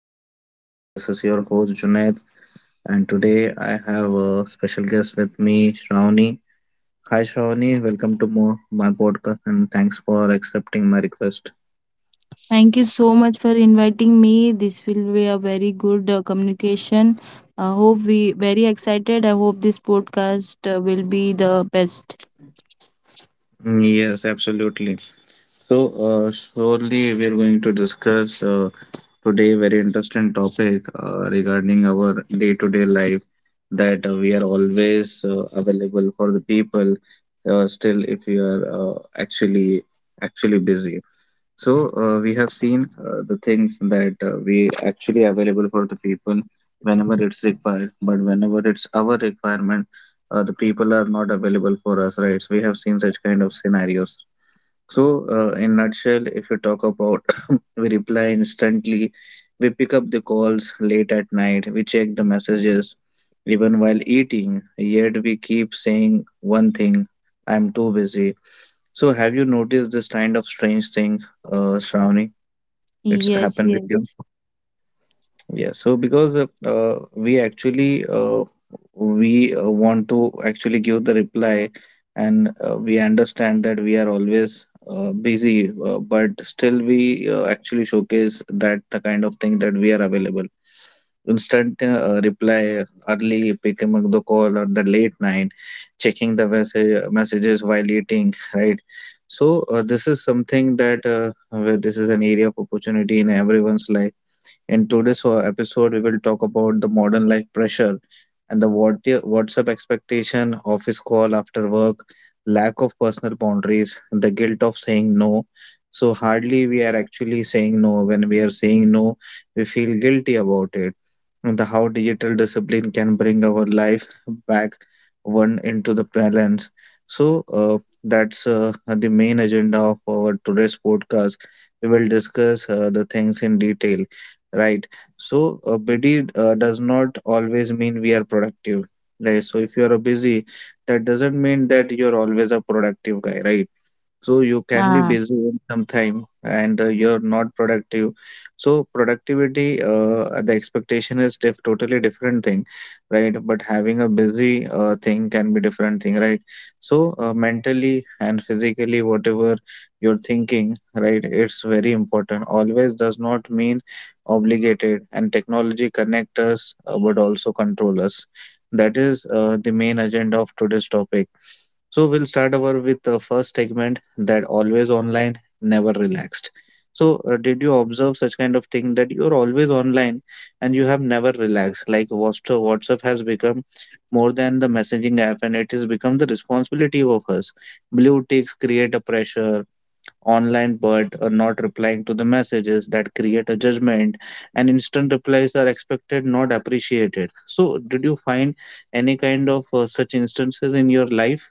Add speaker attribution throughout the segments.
Speaker 1: Podcast. This is your host, Junaid, and today I have a special guest with me, Shravani. Hi, Shravani. Welcome to my podcast, and thanks for accepting my request.
Speaker 2: Thank you so much for inviting me. This will be a very good communication. I hope we very excited. I hope this podcast will be the best.
Speaker 1: Yes, absolutely. So, surely we're going to discuss today very interesting topic regarding our day-to-day life that we are always available for the people, still if we are actually actually busy. So we have seen the things that we actually available for the people whenever it's required, but whenever it's our requirement, the people are not available for us, right? So we have seen such kind of scenarios. So in nutshell, if you talk about, we reply instantly, we pick up the calls late at night, we check the messages even while eating, yet we keep saying one thing, I'm too busy. So, have you noticed this kind of strange thing, Shravani? It's
Speaker 2: Yes,
Speaker 1: happened with you.
Speaker 2: yes.
Speaker 1: Yeah. So, because we actually we want to actually give the reply, and we understand that we are always busy, but still we actually showcase that the kind of thing that we are available instant reply, early picking up the call or the late night, checking the messages while eating, right? So this is something that where this is an area of opportunity in everyone's life. In today's episode, we will talk about the modern life pressure and the what WhatsApp expectation, office call after work, lack of personal boundaries, the guilt of saying no. So hardly we are actually saying no. When we are saying no, we feel guilty about it, and the how digital discipline can bring our life back one into the balance. So that's the main agenda of our today's podcast. We will discuss the things in detail, right? So busy does not always mean we are productive. Right? So if you are busy, that doesn't mean that you're always a productive guy, right? So you can be
Speaker 2: Ah.
Speaker 1: busy in some time and you're not productive. So productivity, the expectation is diff totally different thing, right? But having a busy thing can be different thing, right? So mentally and physically, whatever you're thinking, right? It's very important. Always does not mean obligated. And technology connect us, but also control us. That is the main agenda of today's topic. So we'll start over with the first segment that always online, never relaxed. So did you observe such kind of thing that you're always online and you have never relaxed? Like WhatsApp has become more than the messaging app and it has become the responsibility of us. Blue ticks create a pressure online but not replying to the messages that create a judgment, and instant replies are expected, not appreciated. So did you find any kind of such instances in your life?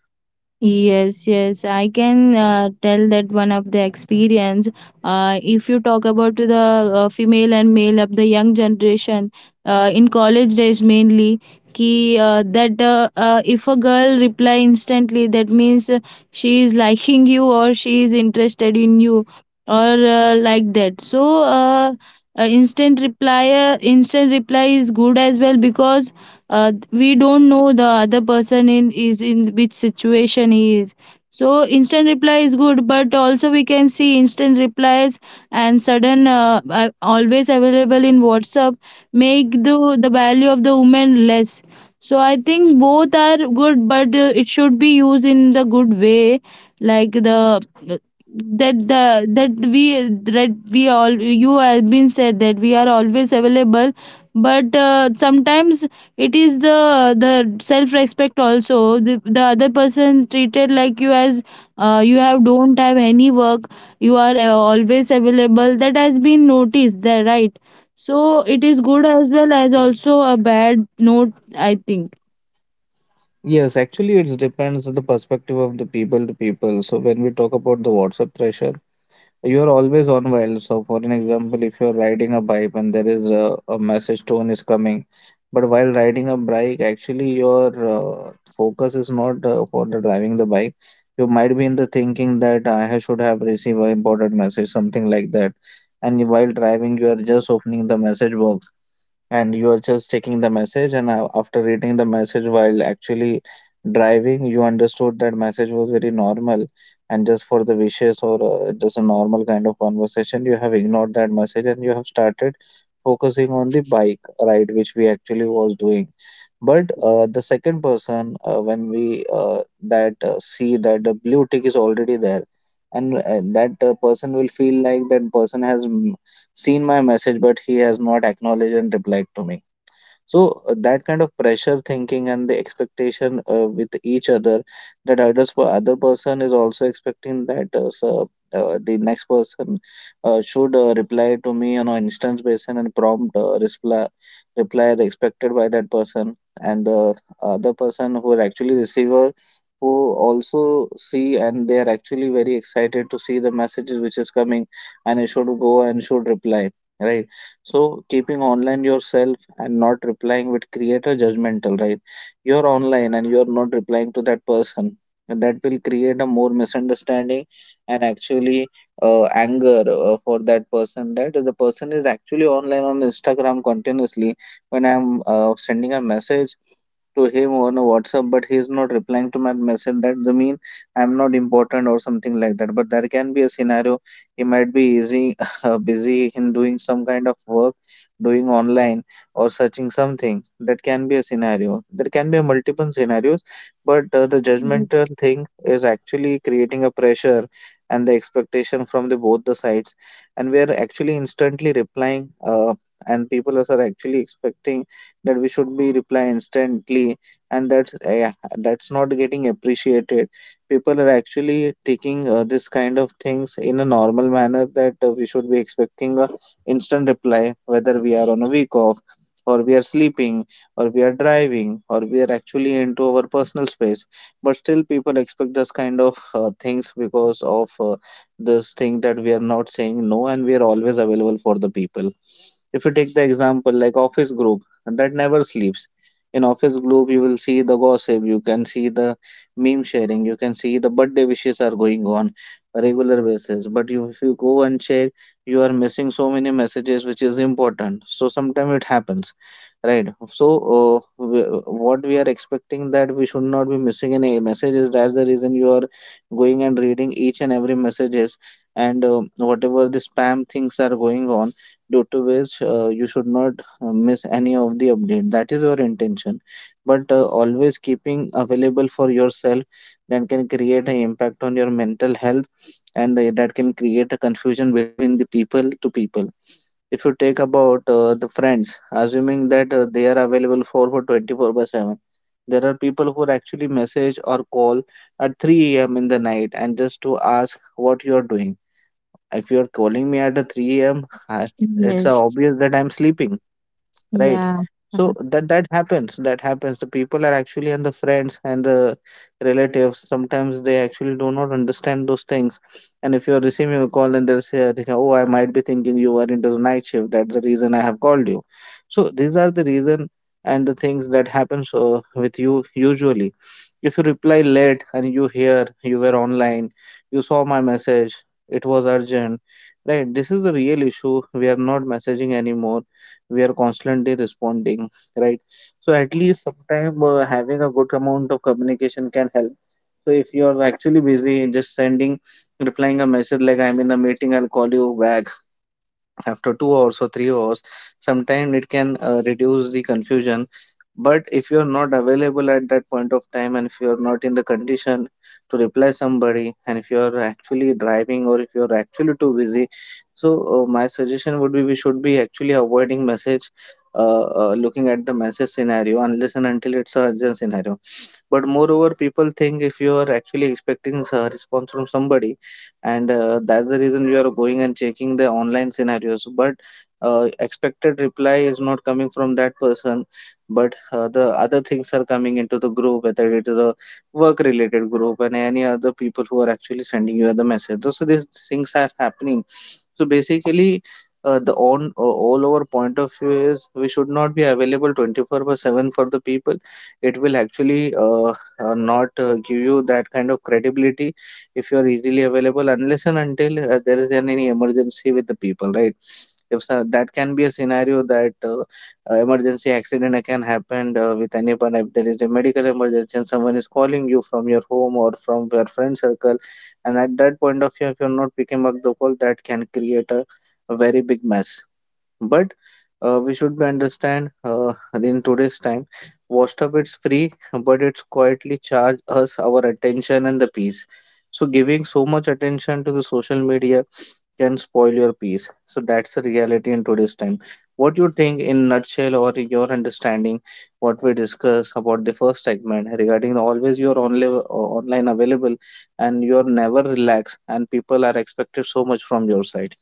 Speaker 2: Yes, yes, I can tell that one of the experience. If you talk about to the female and male of the young generation in college days mainly, ki that if a girl reply instantly, that means she is liking you or she is interested in you or like that. So instant reply, instant reply is good as well because we don't know the other person in is in which situation he is, so instant reply is good, but also we can see instant replies and sudden always available in whatsapp make the value of the woman less. So I think both are good, but it should be used in the good way, like the that we that we all you have been said that we are always available. But sometimes it is the self respect also, the other person treated like you as you have don't have any work, you are always available, that has been noticed there, right? So it is good as well as also a bad note, I think.
Speaker 1: Yes, actually, it depends on the perspective of the people to people. So, when we talk about the WhatsApp pressure, you are always on while. So, for an example, if you're riding a bike and there is a message tone is coming, but while riding a bike, actually, your focus is not for the driving the bike. You might be in the thinking that should have received an important message, something like that. And while driving, you are just opening the message box and you are just taking the message and after reading the message while actually driving you understood that message was very normal and just for the wishes or just a normal kind of conversation you have ignored that message and you have started focusing on the bike ride which we actually was doing. But the second person when we that see that the blue tick is already there and that person will feel like that person has seen my message, but he has not acknowledged and replied to me. So that kind of pressure thinking and the expectation with each other, that other person is also expecting that so, the next person should reply to me on an instance basis and prompt reply as expected by that person, and the other person who is actually receiver who also see and they are actually very excited to see the messages which is coming and they should go and should reply, right? So keeping online yourself and not replying would create a judgmental, right? You're online and you're not replying to that person. And that will create a more misunderstanding and actually anger for that person. That the person is actually online on Instagram continuously. When I'm sending a message to him on WhatsApp, but he is not replying to my message. That the mean I'm not important or something like that. But there can be a scenario he might be easy, busy in doing some kind of work, doing online or searching something. That can be a scenario. There can be multiple scenarios, but the judgmental
Speaker 2: Yes,
Speaker 1: thing is actually creating a pressure and the expectation from the both the sides, and we are actually instantly replying. And people are actually expecting that we should be reply instantly, and that's that's not getting appreciated. People are actually taking this kind of things in a normal manner, that we should be expecting a instant reply whether we are on a week off or we are sleeping or we are driving or we are actually into our personal space, but still people expect this kind of things because of this thing that we are not saying no and we are always available for the people. If you take the example like office group that never sleeps. In office group, you will see the gossip, you can see the meme sharing, you can see the birthday wishes are going on a regular basis. But you, if you go and check, you are missing so many messages which is important. So sometimes it happens, right? So what we are expecting that we should not be missing any messages. That's the reason you are going and reading each and every messages, and whatever the spam things are going on due to which you should not miss any of the update. That is your intention. But always keeping available for yourself that can create an impact on your mental health, and that can create a confusion between the people to people. If you take about the friends, assuming that they are available for 24 by 7, there are people who actually message or call at 3 a.m. in the night and just to ask what you are doing. If you're calling me at 3 a.m., it's
Speaker 2: yes,
Speaker 1: obvious that I'm sleeping, right?
Speaker 2: yeah.
Speaker 1: So that happens. That happens. The people are actually and the friends and the relatives. Sometimes they actually do not understand those things. And if you are receiving a call and thinking, "Oh, I might be thinking you are into the night shift. That's the reason I have called you." So these are the reason and the things that happens with you usually. If you reply late and you hear you were online, you saw my message. It was urgent, right? This is the real issue. We are not messaging anymore, we are constantly responding, right? So at least sometime, having a good amount of communication can help. So if you're actually busy just sending, replying a message like, "I'm in a meeting, I'll call you back after 2 hours or 3 hours," sometimes it can reduce the confusion. But if you're not available at that point of time, and if you're not in the condition to reply somebody, and if you're actually driving or if you're actually too busy, so my suggestion would be we should be actually avoiding message, looking at the message scenario unless and until it's a urgent scenario. But moreover, people think if you are actually expecting a response from somebody, and that's the reason you are going and checking the online scenarios, but expected reply is not coming from that person, but the other things are coming into the group, whether it is a work related group and any other people who are actually sending you the message. So these things are happening. So basically, the on all our point of view is we should not be available 24 by 7 for the people. It will actually not give you that kind of credibility if you are easily available, unless and until there is an, any emergency with the people, right? If so, that can be a scenario that emergency accident can happen with anyone. If there is a medical emergency and someone is calling you from your home or from your friend circle, and at that point of view if you're not picking up the call, that can create a very big mess. But we should be understand, in today's time, WhatsApp it's free, but it's quietly charge us our attention and the peace. So giving so much attention to the social media can spoil your peace. So that's the reality in today's time. What you think in nutshell, or your understanding, what we discuss about the first segment regarding the always you're only online available, and you're never relaxed, and people are expected so much from your side.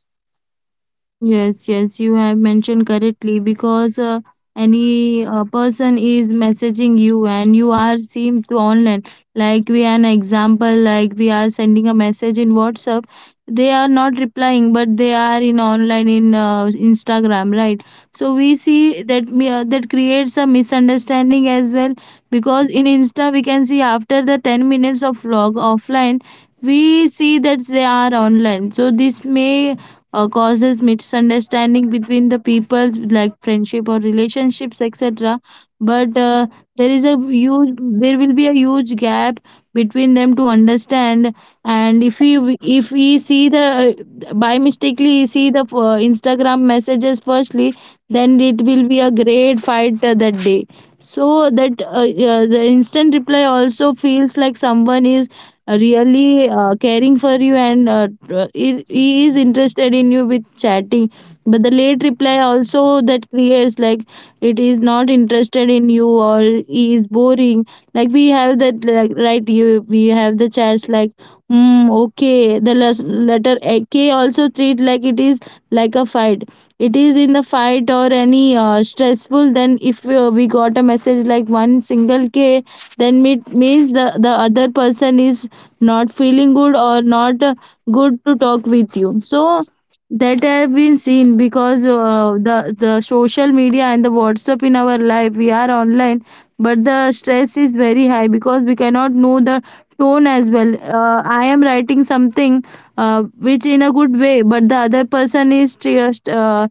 Speaker 2: Mm, yes, yes, you have mentioned correctly because any person is messaging you and you are seen to online. Like we an example, like we are sending a message in WhatsApp, they are not replying, but they are in online in Instagram, right? So we see that that creates a misunderstanding as well, because in Insta we can see after the 10 minutes of vlog offline, we see that they are online. So this may causes misunderstanding between the people like friendship or relationships, etc. But there will be a huge gap between them to understand, and if we see the by mistakenly see the instagram messages firstly, then it will be a great fight that day. So that the instant reply also feels like someone is really caring for you, and he is interested in you with chatting. But the late reply also that creates like it is not interested in you or he is boring, like we have that like, right you we have the chats like hmm okay letter k also treat like it is like a fight. It is in the fight or any stressful, then if we got a message like one single k, then it means the other person is not feeling good or not good to talk with you. So that have been seen because the social media and the whatsapp in our life we are online, but the stress is very high because we cannot know the tone as well. I am writing something which in a good way, but the other person is just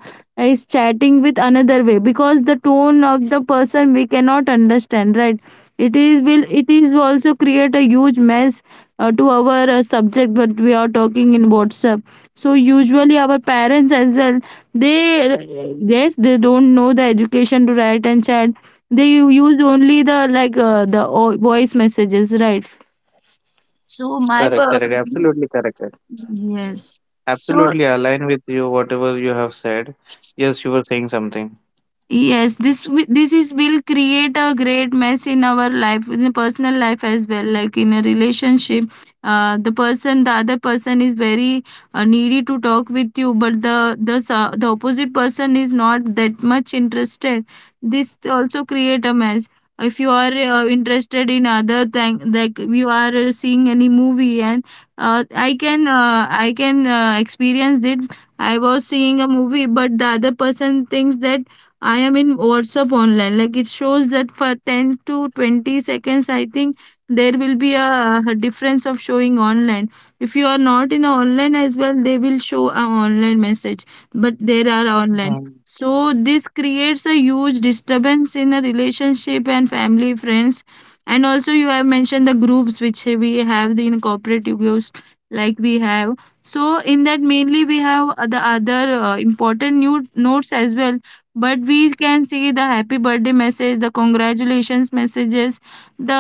Speaker 2: is chatting with another way because the tone of the person we cannot understand, right? It is will it is also create a huge mess to our subject what we are talking in whatsapp. So usually our parents as well, they yes they don't know the education to write and chat. They use only the like voice messages, right? so my
Speaker 1: Correct,
Speaker 2: per-
Speaker 1: correct.
Speaker 2: yes, so.
Speaker 1: Absolutely align with you, whatever you have said. Yes, you were saying something.
Speaker 2: Yes, this is will create a great mess in our life, in the personal life as well. Like in a relationship, the other person is very needy to talk with you, but the opposite person is not that much interested. This also create a mess. If you are interested in other thing, like you are seeing any movie, and I can experience that I was seeing a movie, but the other person thinks that I am in WhatsApp online. Like it shows that for 10 to 20 seconds, I think there will be a difference of showing online. If you are not in online as well, they will show a online message, but there are online.
Speaker 1: Mhm.
Speaker 2: So this creates a huge disturbance in a relationship and family, friends, and also you have mentioned the groups which we have the in groups like we have. So in that mainly we have the other important new notes as well, but we can see the happy birthday message, the congratulations messages, the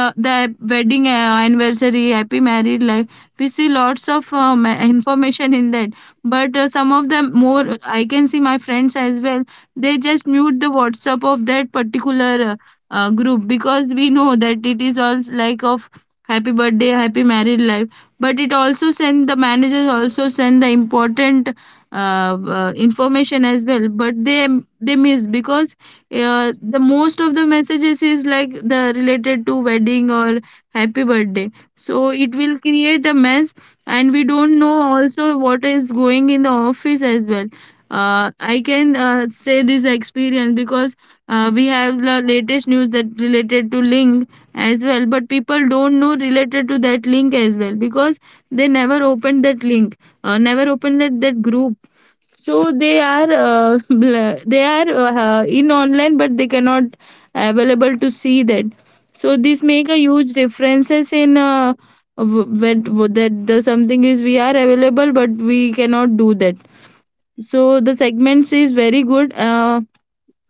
Speaker 2: wedding anniversary happy married life, we see lots of information in that. But some of them more I can see my friends as well, they just mute the whatsapp of that particular group because we know that it is all like of happy birthday, happy married life, but it also send the managers also send the important uh, information as well, but they miss because the most of the messages is like the related to wedding or happy birthday. So it will create a mess, and we don't know also what is going in the office as well. I can say this experience because we have the latest news that related to link as well, but people don't know related to that link as well because they never opened that link, never opened that, that group. So they are they are in online, but they cannot available to see that. So this make a huge differences in that the something is we are available but we cannot do that. So the segments is very good,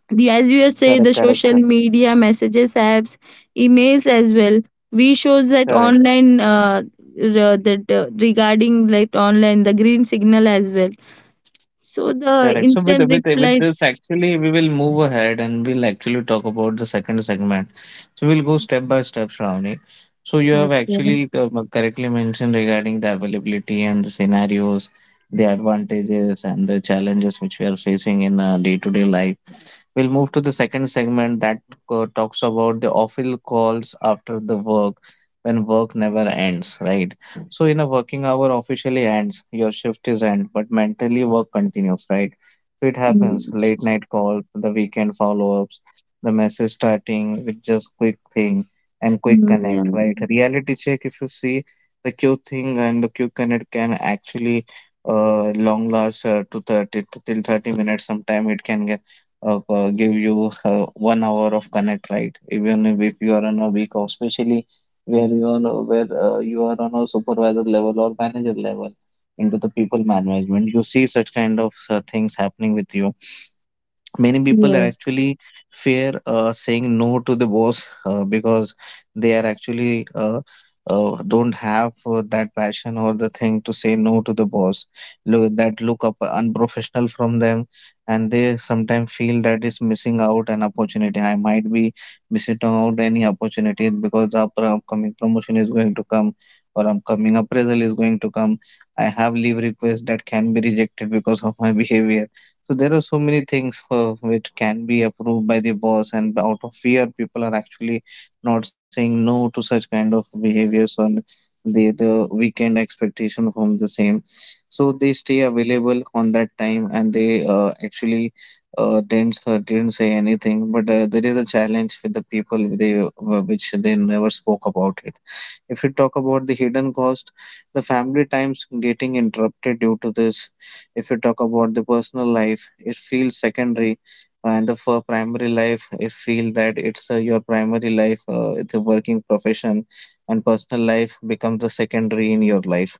Speaker 2: the as you have said
Speaker 1: Correct,
Speaker 2: the
Speaker 1: correct,
Speaker 2: social
Speaker 1: sir.
Speaker 2: media messages apps emails as well we shows that
Speaker 1: Correct.
Speaker 2: online r- that regarding like online the green signal as well, so the
Speaker 1: Correct. So, with
Speaker 2: instant
Speaker 1: with with
Speaker 2: replies.
Speaker 1: this actually, we will move ahead and we'll actually talk about the second segment. So we'll go step by step, Shravani. So you have
Speaker 2: Okay.
Speaker 1: actually correctly mentioned regarding the availability and the scenarios, the advantages and the challenges which we are facing in our day-to-day life. We'll move to the second segment that talks about the awful calls after the work, when work never ends, right? So, in a working hour officially ends, your shift is end, but mentally work continues, right? So, it
Speaker 2: Mm,
Speaker 1: happens late night calls, the weekend follow ups, the message starting with just quick thing and quick
Speaker 2: mm, yeah.
Speaker 1: connect, right? Reality check, if you see the Q thing and the Q connect can actually long last to 30, till 30 minutes. Sometime it can get give you 1 hour of connect, right? Even if you are on a week off, especially where you are on a supervisor level or manager level into the people management, you see such kind of things happening with you. Many people are
Speaker 2: Yes.
Speaker 1: actually fear saying no to the boss, because they are actually don't have that passion or the thing to say no to the boss, look, that look up unprofessional from them. And they sometimes feel that is missing out an opportunity, I might be missing out any opportunity because the upcoming promotion is going to come, or upcoming appraisal is going to come, I have leave request that can be rejected because of my behavior. So there are so many things which can be approved by the boss, and out of fear, people are actually not saying no to such kind of behaviors on the weekend expectation from the same. So they stay available on that time, and they actually didn't say anything. But there is a challenge with the people they which they never spoke about it. If you talk about the hidden cost, the family times getting interrupted due to this. If you talk about the personal life, it feels secondary, and the for primary life, it feel that it's your primary life, the working profession, and personal life becomes the secondary in your life.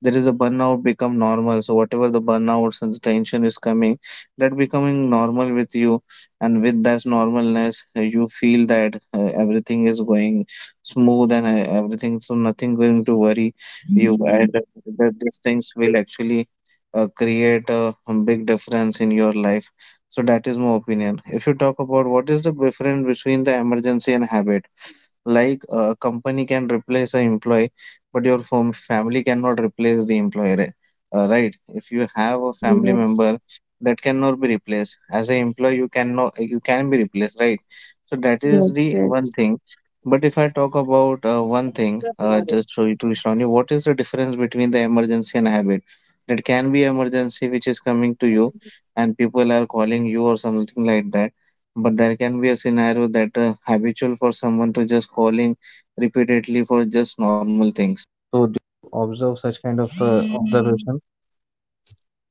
Speaker 1: There is a burnout become normal. So whatever the burnouts and the tension is coming, that becoming normal with you, and with that normalness, you feel that everything is going smooth and everything, so nothing going to worry you, and that these things will actually create a big difference in your life. So that is my opinion. If you talk about what is the difference between the emergency and habit, like a company can replace an employee, but your family cannot replace the employee, right? If you have a family
Speaker 2: Yes.
Speaker 1: member that cannot be replaced as an employee, you cannot, you can be replaced, right? So that is
Speaker 2: Yes.
Speaker 1: the one
Speaker 2: Yes.
Speaker 1: thing. But if I talk about one thing, just to Shravani, what is the difference between the emergency and habit? That can be emergency, which is coming to you, and people are calling you or something like that. But there can be a scenario that habitual for someone to just calling repeatedly for.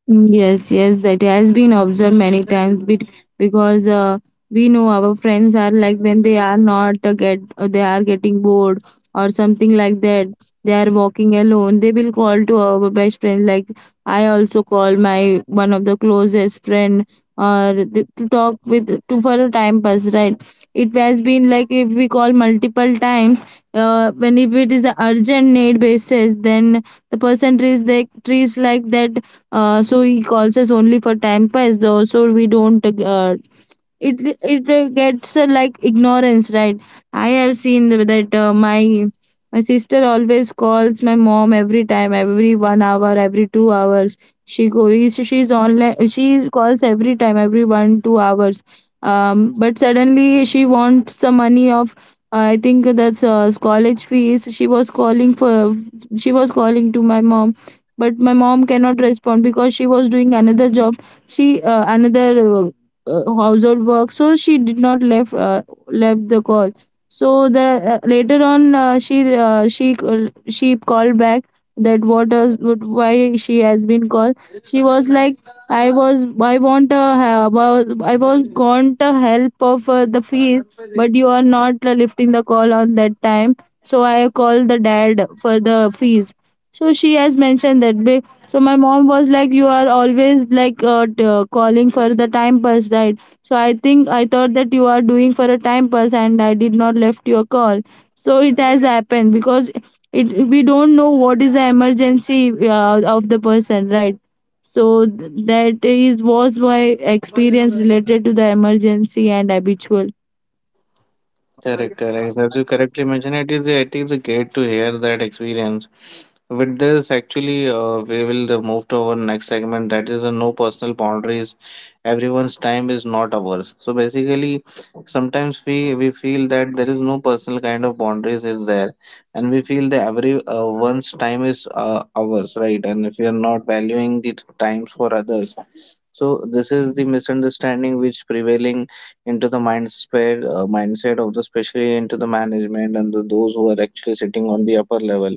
Speaker 2: Mm, yes, yes, that has been observed many times because we know our friends are like when they are not get they are getting bored or something like that. They are walking alone. They will call to our best friend. Like I also call my one of the closest friend to talk with to for a time pass. Right? It has been like if we call multiple times. When if it is a urgent need basis, then the person treats they treats like that, so he calls us only for time pass though, so we don't it it gets like ignorance, right? I have seen th- that my sister always calls my mom every time every 1 hour every 2 hours. She goes she's online she calls every time every 1-2 hours. But suddenly she wants some money of I think that's college fees she was calling for. She was calling to my mom, but my mom cannot respond because she was doing another job. She another uh, household work, so she did not left the call. So the later on, she called back that what does what, why she has been called. She was like I was I want a help I was I was want a help of the fees, but you are not lifting the call on that time, so I called the dad for the fees. So she has mentioned that. So my mom was like you are always like calling for the time pass, right? So I thought that you are doing for a time pass and I did not left your call. So it has happened because it we don't know what is the emergency of the person, right? So that is was my experience related to the emergency and habitual.
Speaker 1: Correct, correct. As you correctly mentioned, it is, it is great to hear that experience. With this, actually, we will move to our next segment. That is, no personal boundaries. Everyone's time is not ours. So basically, sometimes we feel that there is no personal kind of boundaries is there, and we feel that every one's time is ours, right? And if we are not valuing the times for others, so this is the misunderstanding which prevailing into the mindset of the, especially into the management and the, those who are actually sitting on the upper level.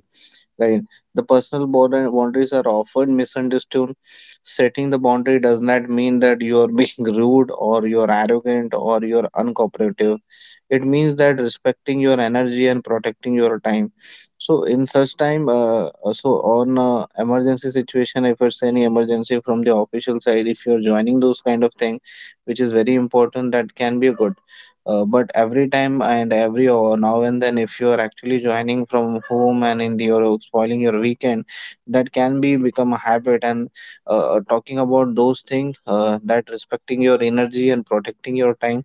Speaker 1: Right. The personal border boundaries are often misunderstood. Setting the boundary does not mean that you are being rude, or you are arrogant, or you are uncooperative. It means that respecting your energy and protecting your time. So in such time, so on, emergency situation, if it's any emergency from the official side, if you are joining those kind of thing, which is very important, that can be good. But every time and every hour, now and then, if you are actually joining from home and in the, you're spoiling your weekend, that can be become a habit. And talking about those things, that respecting your energy and protecting your time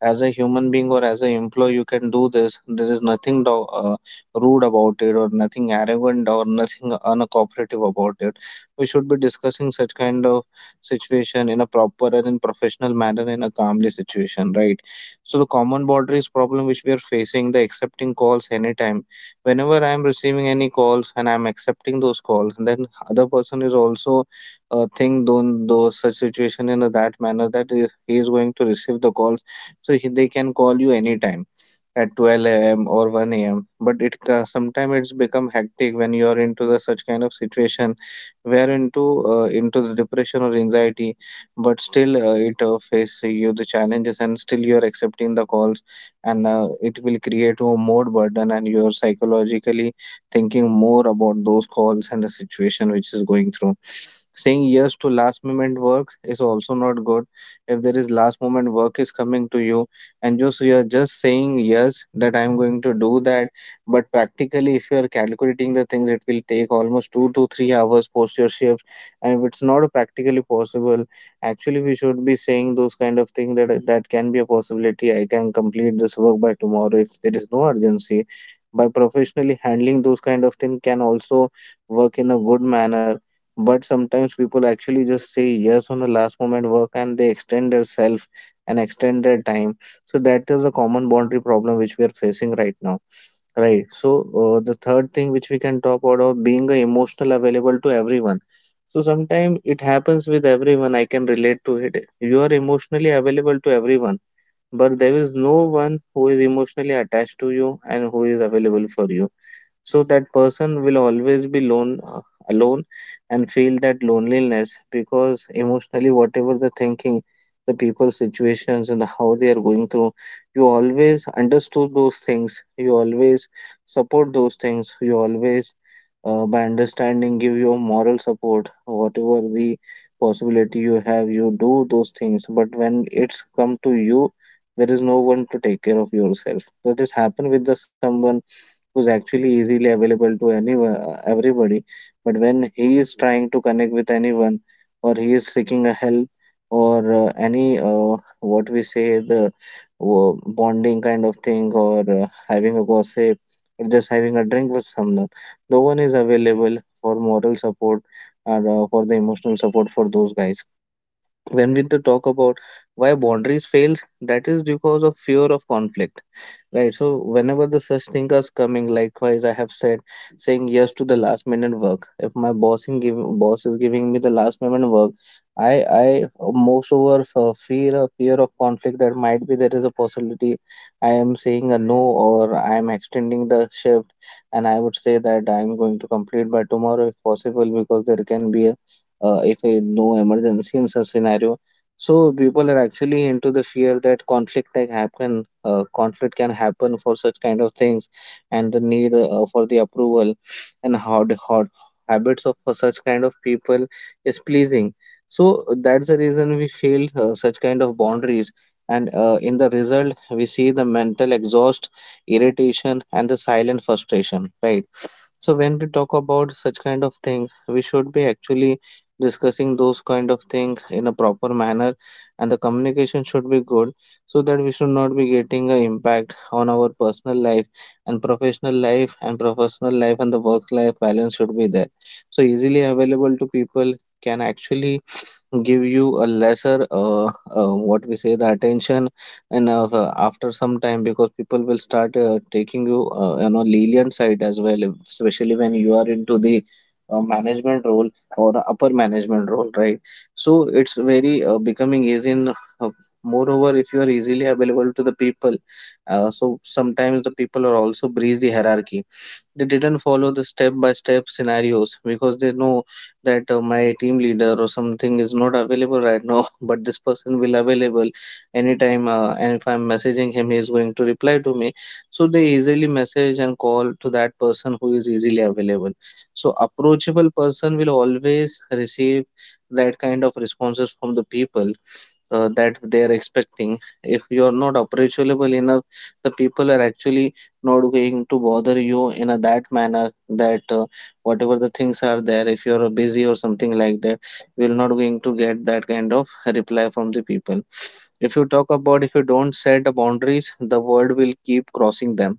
Speaker 1: as a human being or as an employee, you can do this. There is nothing rude about it, or nothing arrogant, or nothing uncooperative about it. We should be discussing such kind of situation in a proper and in professional manner, in a calmly situation, right? So the common boundaries problem which we are facing, the accepting calls anytime, whenever I am receiving any calls and I am accepting those calls, then other person is also think those such situation in that manner, that he is going to receive the calls, so they can call you anytime at 12 a.m. or 1 a.m. But it sometimes it's become hectic when you are into the such kind of situation, where into the depression or anxiety, but still it face you the challenges, and still you are accepting the calls, and it will create a more burden, and you are psychologically thinking more about those calls and the situation which is going through. Saying yes to last moment work is also not good. If there is last moment work is coming to you, and just you are just saying yes that I'm going to do that, but practically if you are calculating the things, it will take almost 2 to 3 hours post your shift, and if it's not practically possible, actually we should be saying those kind of things, that that can be a possibility. I can complete this work by tomorrow if there is no urgency. By professionally handling those kind of things can also work in a good manner. But sometimes people actually just say yes on the last moment work, and they extend their self and extend their time. So that is a common boundary problem which we are facing right now, right? So the third thing which we can talk about, of being emotional available to everyone. So sometimes it happens with everyone, I can relate to it. You are emotionally available to everyone, but there is no one who is emotionally attached to you and who is available for you. So that person will always be lone alone and feel that loneliness, because emotionally whatever the thinking, the people's situations and the how they are going through, you always understood those things, you always support those things, you always by understanding give your moral support, whatever the possibility you have, you do those things. But when it's come to you, there is no one to take care of yourself. That has happened with the someone who's actually easily available to anyone, everybody. But when he is trying to connect with anyone, or he is seeking a help, or any what we say the bonding kind of thing, or having a gossip, or just having a drink with someone, no one is available for moral support or for the emotional support for those guys. When we talk about why boundaries fail, that is because of fear of conflict. Right. So whenever the such thing is coming, likewise, I have said saying yes to the last minute work. If my boss is giving me the last minute work, I most over fear of conflict that might be there is a possibility I am saying a no, or I am extending the shift, and I would say that I am going to complete by tomorrow if possible because there can be a, if a no emergency in such scenario. So people are actually into the fear that conflict can happen for such kind of things, and the need for the approval, and how habits of for such kind of people is pleasing. So that's the reason we fail such kind of boundaries, and in the result we see the mental exhaust, irritation, and the silent frustration. Right. So when we talk about such kind of thing, we should be actually discussing those kind of things in a proper manner, and the communication should be good so that we should not be getting an impact on our personal life and professional life, and the work life balance should be there. So easily available to people can actually give you a lesser what we say the attention, and after some time, because people will start taking you, you know, lenient side as well, especially when you are into the management role or upper management role, right? So it's very becoming easy in uh, moreover if you are easily available to the people. So sometimes the people are also breeze the hierarchy. They didn't follow the step by step scenarios because they know that my team leader or something is not available right now but this person will available anytime, and if I'm messaging him he is going to reply to me. So they easily message and call to that person who is easily available. So approachable person will always receive that kind of responses from the people, that they are expecting. If you are not approachable enough, the people are actually not going to bother you in a that manner, that whatever the things are there, if you are busy or something like that, you will not going to get that kind of reply from the people. If you talk about, if you don't set the boundaries the world will keep crossing them.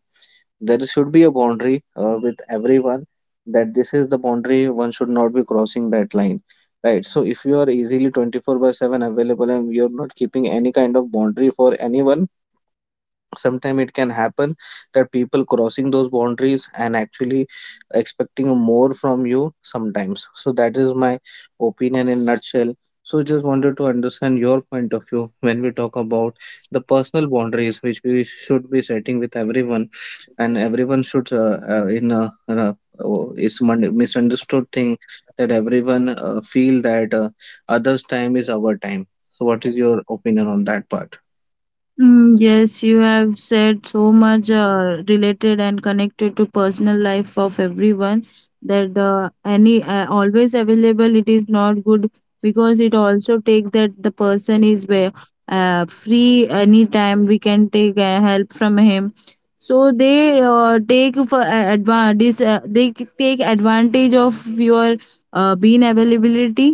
Speaker 1: There should be a boundary with everyone, that this is the boundary, one should not be crossing that line, right? So if you are easily 24 by 7 available and you're not keeping any kind of boundary for anyone, sometimes it can happen that people crossing those boundaries and actually expecting more from you sometimes. So that is my opinion in nutshell. So just wanted to understand your point of view when we talk about the personal boundaries which we should be setting with everyone, and everyone should in a oh, it's misunderstood thing that everyone feel that others time is our time. So what is your opinion on that part?
Speaker 2: Mm, yes, you have said so much related and connected to personal life of everyone, that any always available it is not good, because it also take that the person is where free anytime we can take help from him. So they take for take advantage of your being availability.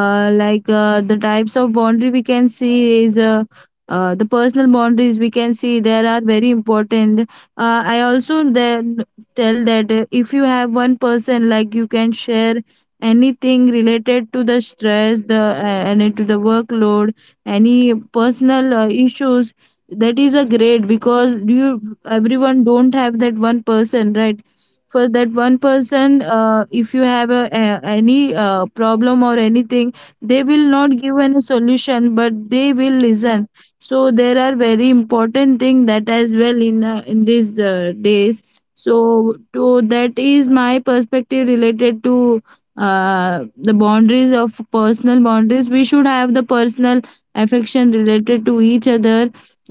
Speaker 2: The types of boundary we can see is the personal boundaries we can see there are very important, I also then tell that if you have one person, like you can share anything related to the stress the and to the workload, any personal issues, that is a great, because you, everyone don't have that one person, right? For that one person, if you have any problem or anything, they will not give any solution, but they will listen. So there are very important thing that as well in these days. So to that is my perspective related to the boundaries of personal boundaries. We should have the personal affection related to each other,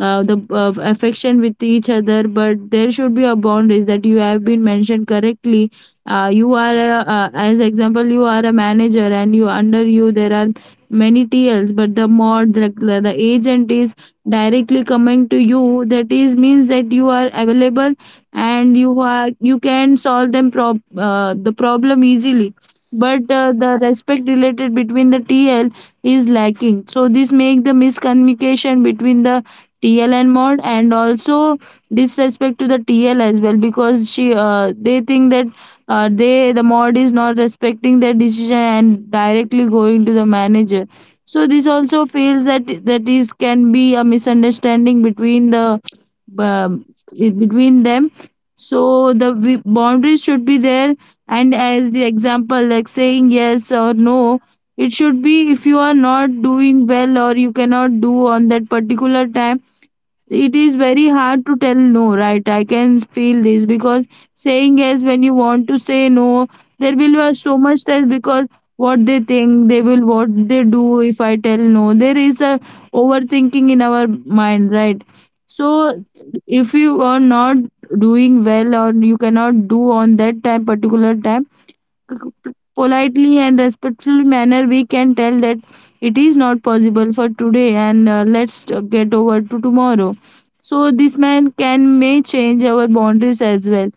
Speaker 2: the affection with each other, but there should be a boundaries, that you have been mentioned correctly. You are as example you are a manager, and you under you there are many T Ls, but the mod, like the agent is directly coming to you, that is means that you are available and you can solve them prob the problem easily. But the respect related between the tl is lacking, so this make the miscommunication between the tl and mod, and also disrespect to the tl as well, because she they think that the mod is not respecting their decision and directly going to the manager. So this also feels that that is can be a misunderstanding between the um, between them. So the boundaries should be there. And as the example, like saying yes or no, it should be, if you are not doing well or you cannot do on that particular time, it is very hard to tell no, right? I can feel this, because saying yes when you want to say no, there will be so much stress, because what they think, they will, what they do if I tell no? There is a overthinking in our mind, right? So if you are not doing well or you cannot do on that time particular time, politely and respectful manner, we can tell that it is not possible for today, and let's get over to tomorrow. So this man can may change our boundaries as well.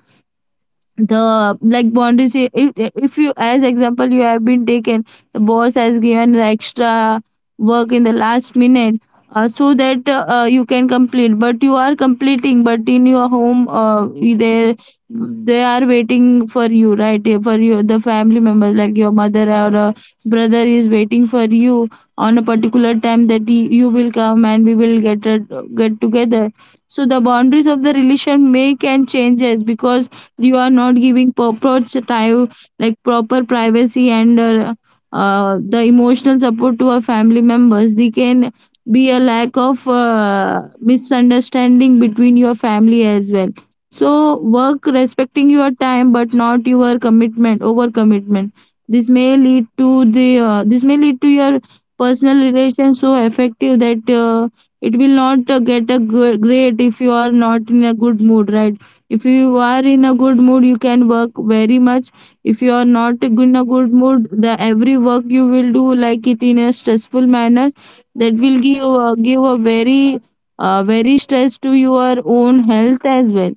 Speaker 2: The like boundaries, if you, as example, you have been taken, the boss has given the extra work in the last minute, so that you can complete, but you are completing, but in your home, they they are waiting for you, right? For your the family members, like your mother or a brother is waiting for you on a particular time, that he, you will come and we will get get together. So the boundaries of the relation may can changes, because you are not giving proper time, like proper privacy, and the emotional support to our family members, they can be a lack of misunderstanding between your family as well. So work, respecting your time, but not your commitment, over commitment. This may lead to the this may lead to your personal relations, so effective that it will not get a good, great, if you are not in a good mood, right? If you are in a good mood, you can work very much. If you are not in a good mood, the every work you will do like it in a stressful manner, that will give give a very very stress to your own health as well.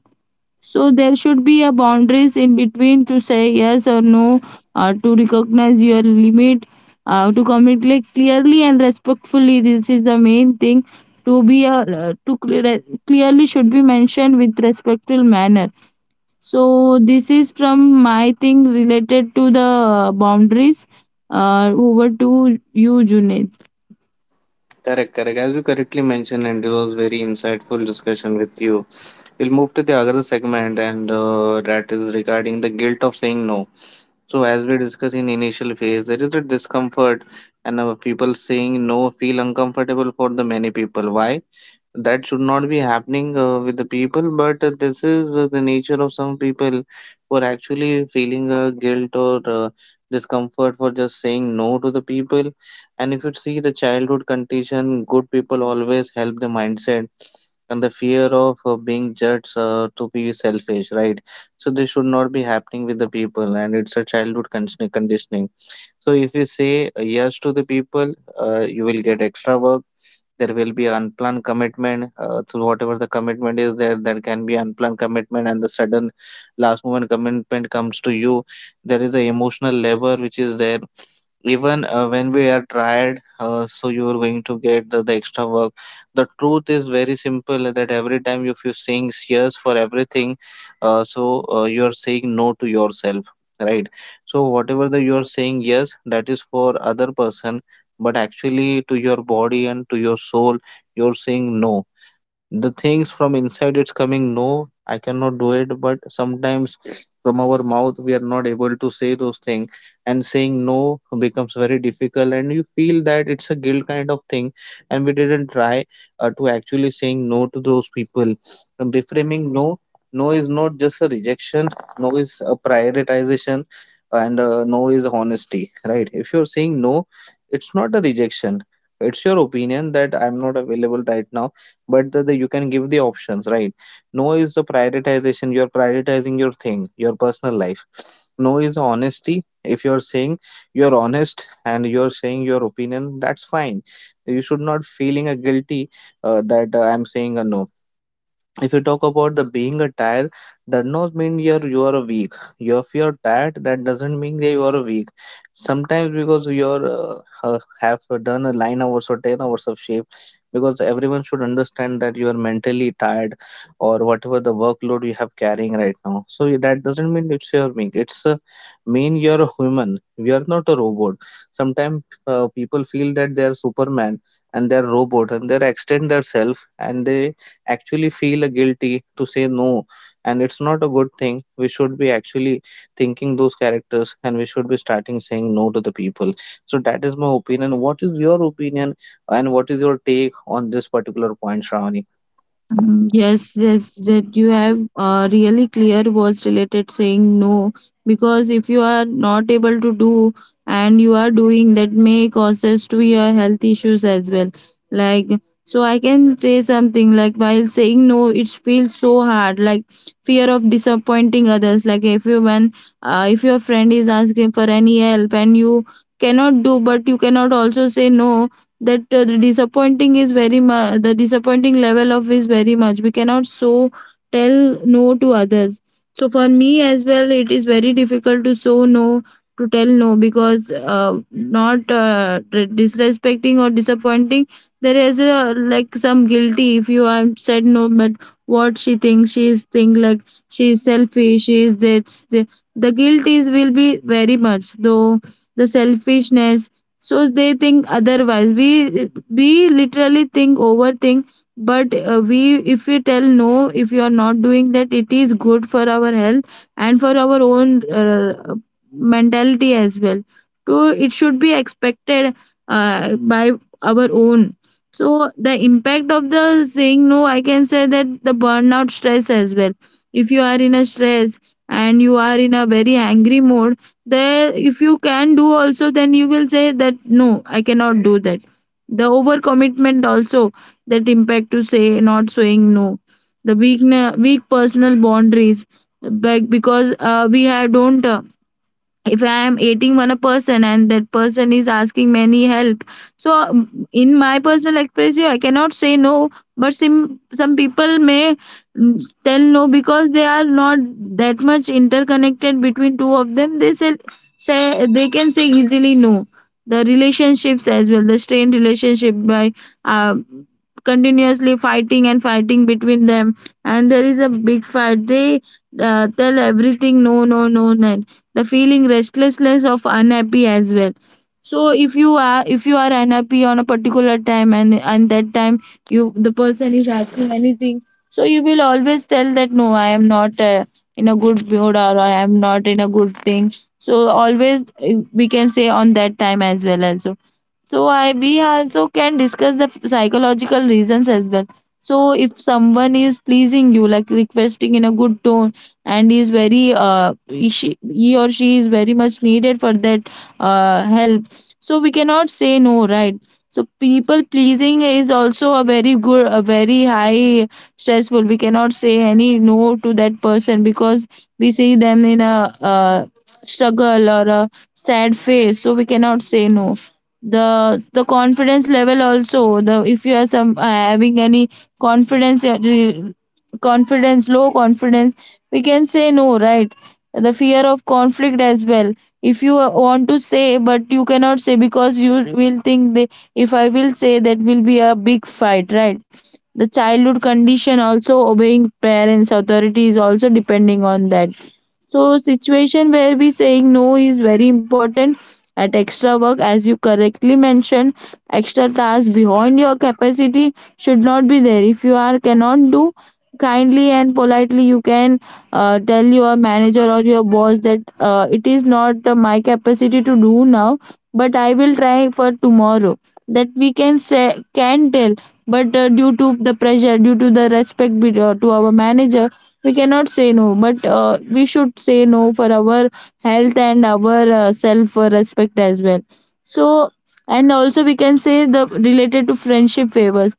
Speaker 2: So there should be a boundaries in between to say yes or no, to recognize your limit, to communicate clearly and respectfully, this is the main thing. To be to clearly should be mentioned with respectful manner. So this is from my thing related to the boundaries. Over to you, Junaid.
Speaker 1: Correct, correct. As you correctly mentioned, and it was very insightful discussion with you. We'll move to the other segment, and that is regarding the guilt of saying no. So, as we discussed in initial phase, there is a discomfort, and people saying no feel uncomfortable for the many people. Why? That should not be happening with the people but this is the nature of some people who are actually feeling guilt or discomfort for just saying no to the people. And if you see the childhood condition, good people always help the mindset, and the fear of being judged to be selfish, right? So this should not be happening with the people, and it's a conditioning. So if you say yes to the people, you will get extra work. There will be unplanned commitment, so whatever the commitment is there, there can be unplanned commitment and the sudden last moment commitment comes to you. There is a emotional labor which is there even when we are tired, so you're going to get the extra work. The truth is very simple, that every time if you're saying yes for everything, you are saying no to yourself, right? So whatever that you are saying yes, that is for other person, but actually to your body and to your soul, you're saying no. The things from inside it's coming, no I cannot do it, but sometimes from our mouth we are not able to say those things, and saying no becomes very difficult and you feel that it's a guilt kind of thing. And we didn't try to actually saying no to those people, and reframing no. No is not just a rejection, no is a prioritization, and no is honesty. Right? If you're saying no, it's not a rejection, it's your opinion that I'm not available right now, but the you can give the options, right? No is the prioritization, you're prioritizing your thing, your personal life. No is honesty, if you're saying, you're honest and you're saying your opinion, that's fine. You should not feeling a guilty that I'm saying a no. If you talk about the being a tired, does not mean you are a weak. You, if you're tired, that doesn't mean that you are a weak. Sometimes because you're uh, have done a 9 hours or 10 hours of shape, because everyone should understand that you are mentally tired, or whatever the workload you have carrying right now, so that doesn't mean it's your weak, it's mean you're a human, we are not a robot. Sometimes people feel that they are superman and they're robot, and they extend their self, and they actually feel guilty to say no. And it's not a good thing, we should be actually thinking those characters and we should be starting saying no to the people. So that is my opinion, what is your opinion, and what is your take on this particular point, Shravani?
Speaker 2: Mm, yes, yes, that you have really clear words related saying no, because if you are not able to do, and you are doing, that may causes to your health issues as well. Like, so, I can say something like, while saying no, it feels so hard. Like, fear of disappointing others. Like if you, when if your friend is asking for any help and you cannot do, but you cannot also say no, that the disappointing is very much, the disappointing level of is very much, we cannot so tell no to others. So for me as well, it is very difficult to so no, to tell no, because not d- disrespecting or disappointing, there is a like some guilty if you have said no, but what she thinks, she is think like she is selfish, she is this, the guilt is will be very much, though the selfishness, so they think. Otherwise we literally think, overthink, but we, if we tell no, if you are not doing that, it is good for our health and for our own mentality as well. So it should be expected by our own. So the impact of the saying no, I can say that the burnout stress as well, if you are in a stress and you are in a very angry mode, there if you can do also, then you will say that no, I cannot do that. The overcommitment also, that impact to say not saying no. The weak personal boundaries, like because we have don't if I am aiding one a person and that person is asking many help, so in my personal expression I cannot say no, but some people may tell no because they are not that much interconnected between two of them, they say they can say easily no. The relationships as well, the strained relationship by uh, continuously fighting and fighting between them, and there is a big fight, they tell everything no, no, no, no. The feeling restlessness of unhappy as well. So if you are, if you are unhappy on a particular time, and that time you, the person is asking anything, so you will always tell that, no, I am not in a good mood, or I am not in a good thing. So always we can say on that time as well also. So I we also can discuss the psychological reasons as well. So, if someone is pleasing you, like requesting in a good tone, and is very he or she is very much needed for that help. So we cannot say no, right? So people pleasing is also a very good, a very high stressful. We cannot say any no to that person, because we see them in a uh struggle or a sad face. So we cannot say no. The confidence level also, the if you are some having any confidence uh, re- confidence, low confidence, we can say no, right? The fear of conflict as well, if you want to say but you cannot say, because you will think that, if I will say, that will be a big fight, right? The childhood condition also, obeying parents authority is also depending on that. So situation where we saying no is very important. At extra work, as you correctly mentioned, extra tasks beyond your capacity should not be there. If you are cannot do, kindly and politely you can tell your manager or your boss that it is not my capacity to do now, but I will try for tomorrow. That we can say, can tell. But due to the pressure, due to the respect to our manager, we cannot say no, but we should say no for our health and our self respect as well. So and also we can say the related to friendship favors.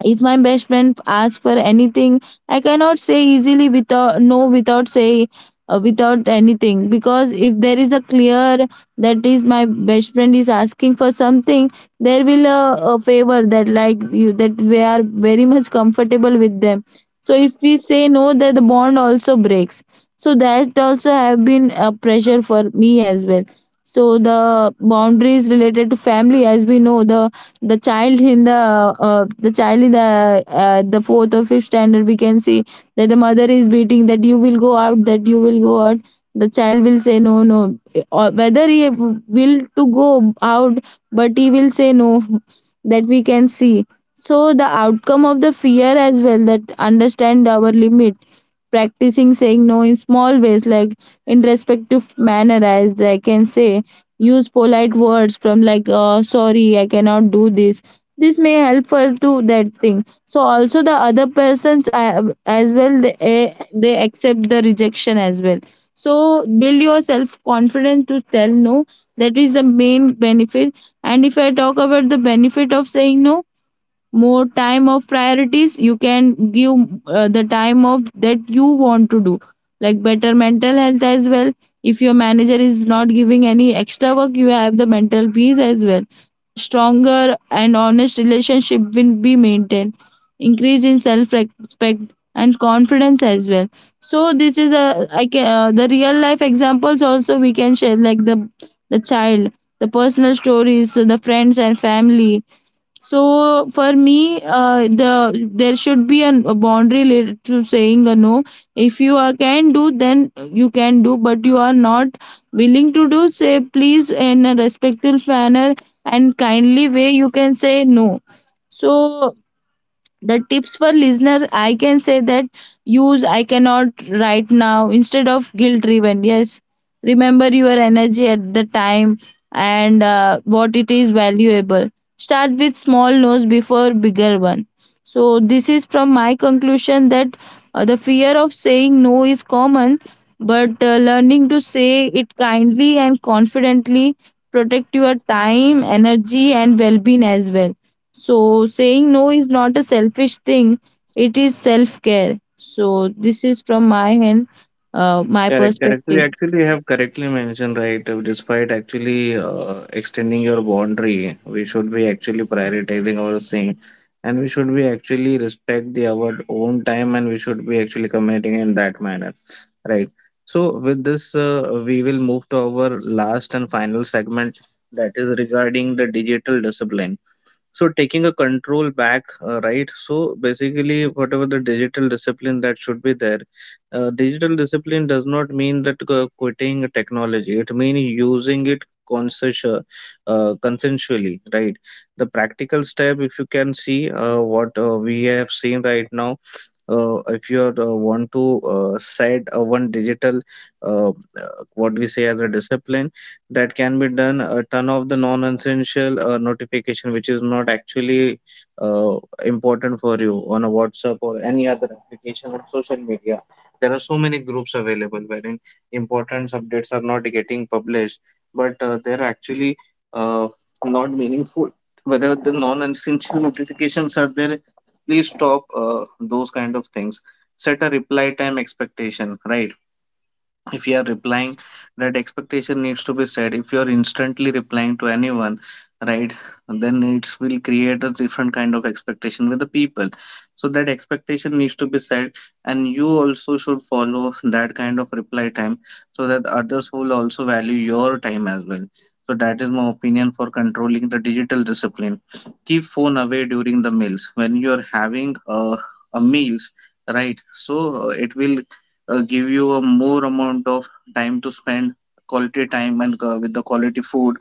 Speaker 2: If my best friend asks for anything, I cannot say easily without no, without say, without anything, because if there is a clear, that is my best friend is asking for something, there will a favor that, like you, that we are very much comfortable with them. So if we say no, that the bond also breaks. So that also have been a pressure for me as well. So the boundaries related to family, as we know, the child in the the child in the fourth or fifth standard, we can see that the mother is beating, that you will go out, that you will go out, the child will say no, no, or whether he will to go out, but he will say no, that we can see. So the outcome of the fear as well, that understand our limit, practicing saying no in small ways, like in respective manner, as I can say, use polite words from like, sorry I cannot do this, this may help her to that thing. So also the other persons as well, they accept the rejection as well. So build your self confidence to tell no. That is the main benefit. And if I talk about the benefit of saying no, more time of priorities you can give, the time of that you want to do, like better mental health as well. If your manager is not giving any extra work, you have the mental peace as well. Stronger and honest relationship will be maintained, increase in self respect and confidence as well. So this is a, I can the real life examples also we can share, like the child, the personal stories, the friends and family. So for me, the there should be an, a boundary related to saying a no. If you are can do, then you can do. But you are not willing to do, say please in a respectful manner and kindly way. You can say no. So the tips for listener I can say that, use I cannot right now instead of guilt driven yes, remember your energy at the time and what it is valuable, start with small no's before bigger one. So this is from my conclusion that the fear of saying no is common, but learning to say it kindly and confidently, protect your time, energy and well-being as well. So saying no is not a selfish thing, it is self care. So this is from my end, my
Speaker 1: Correct, correct. You
Speaker 2: perspective.
Speaker 1: actually have correctly mentioned, right? Despite actually extending your boundary, we should be actually prioritizing our thing, and we should be actually respect the our own time, and we should be actually communicating in that manner, right? So with this, we will move to our last and final segment, that is regarding the digital discipline. So taking a control back, right? So basically, whatever the digital discipline that should be there, digital discipline does not mean that quitting technology. It means using it consensually, right? The practical step, if you can see, what we have seen right now, if you are, want to set a one digital uh, uh, what we say as a discipline, that can be done. Turn off the non-essential notification which is not actually uh, important for you, on a WhatsApp or any other application on social media. There are so many groups available wherein important updates are not getting published, but they're actually uh, not meaningful. Wherever the non-essential notifications are there, please stop those kind of things. Set a reply time expectation, right? If you are replying,
Speaker 2: Yes.
Speaker 1: that expectation needs to be set. If you are instantly replying to anyone, right, then it will create a different kind of expectation with the people, so that expectation needs to be set, and you also should follow that kind of reply time, so that others will also value your time as well. So that is my opinion for controlling the digital discipline. Keep phone away during the meals, when you are having a meals, right? So it will give you a more amount of time to spend quality time and with the quality food,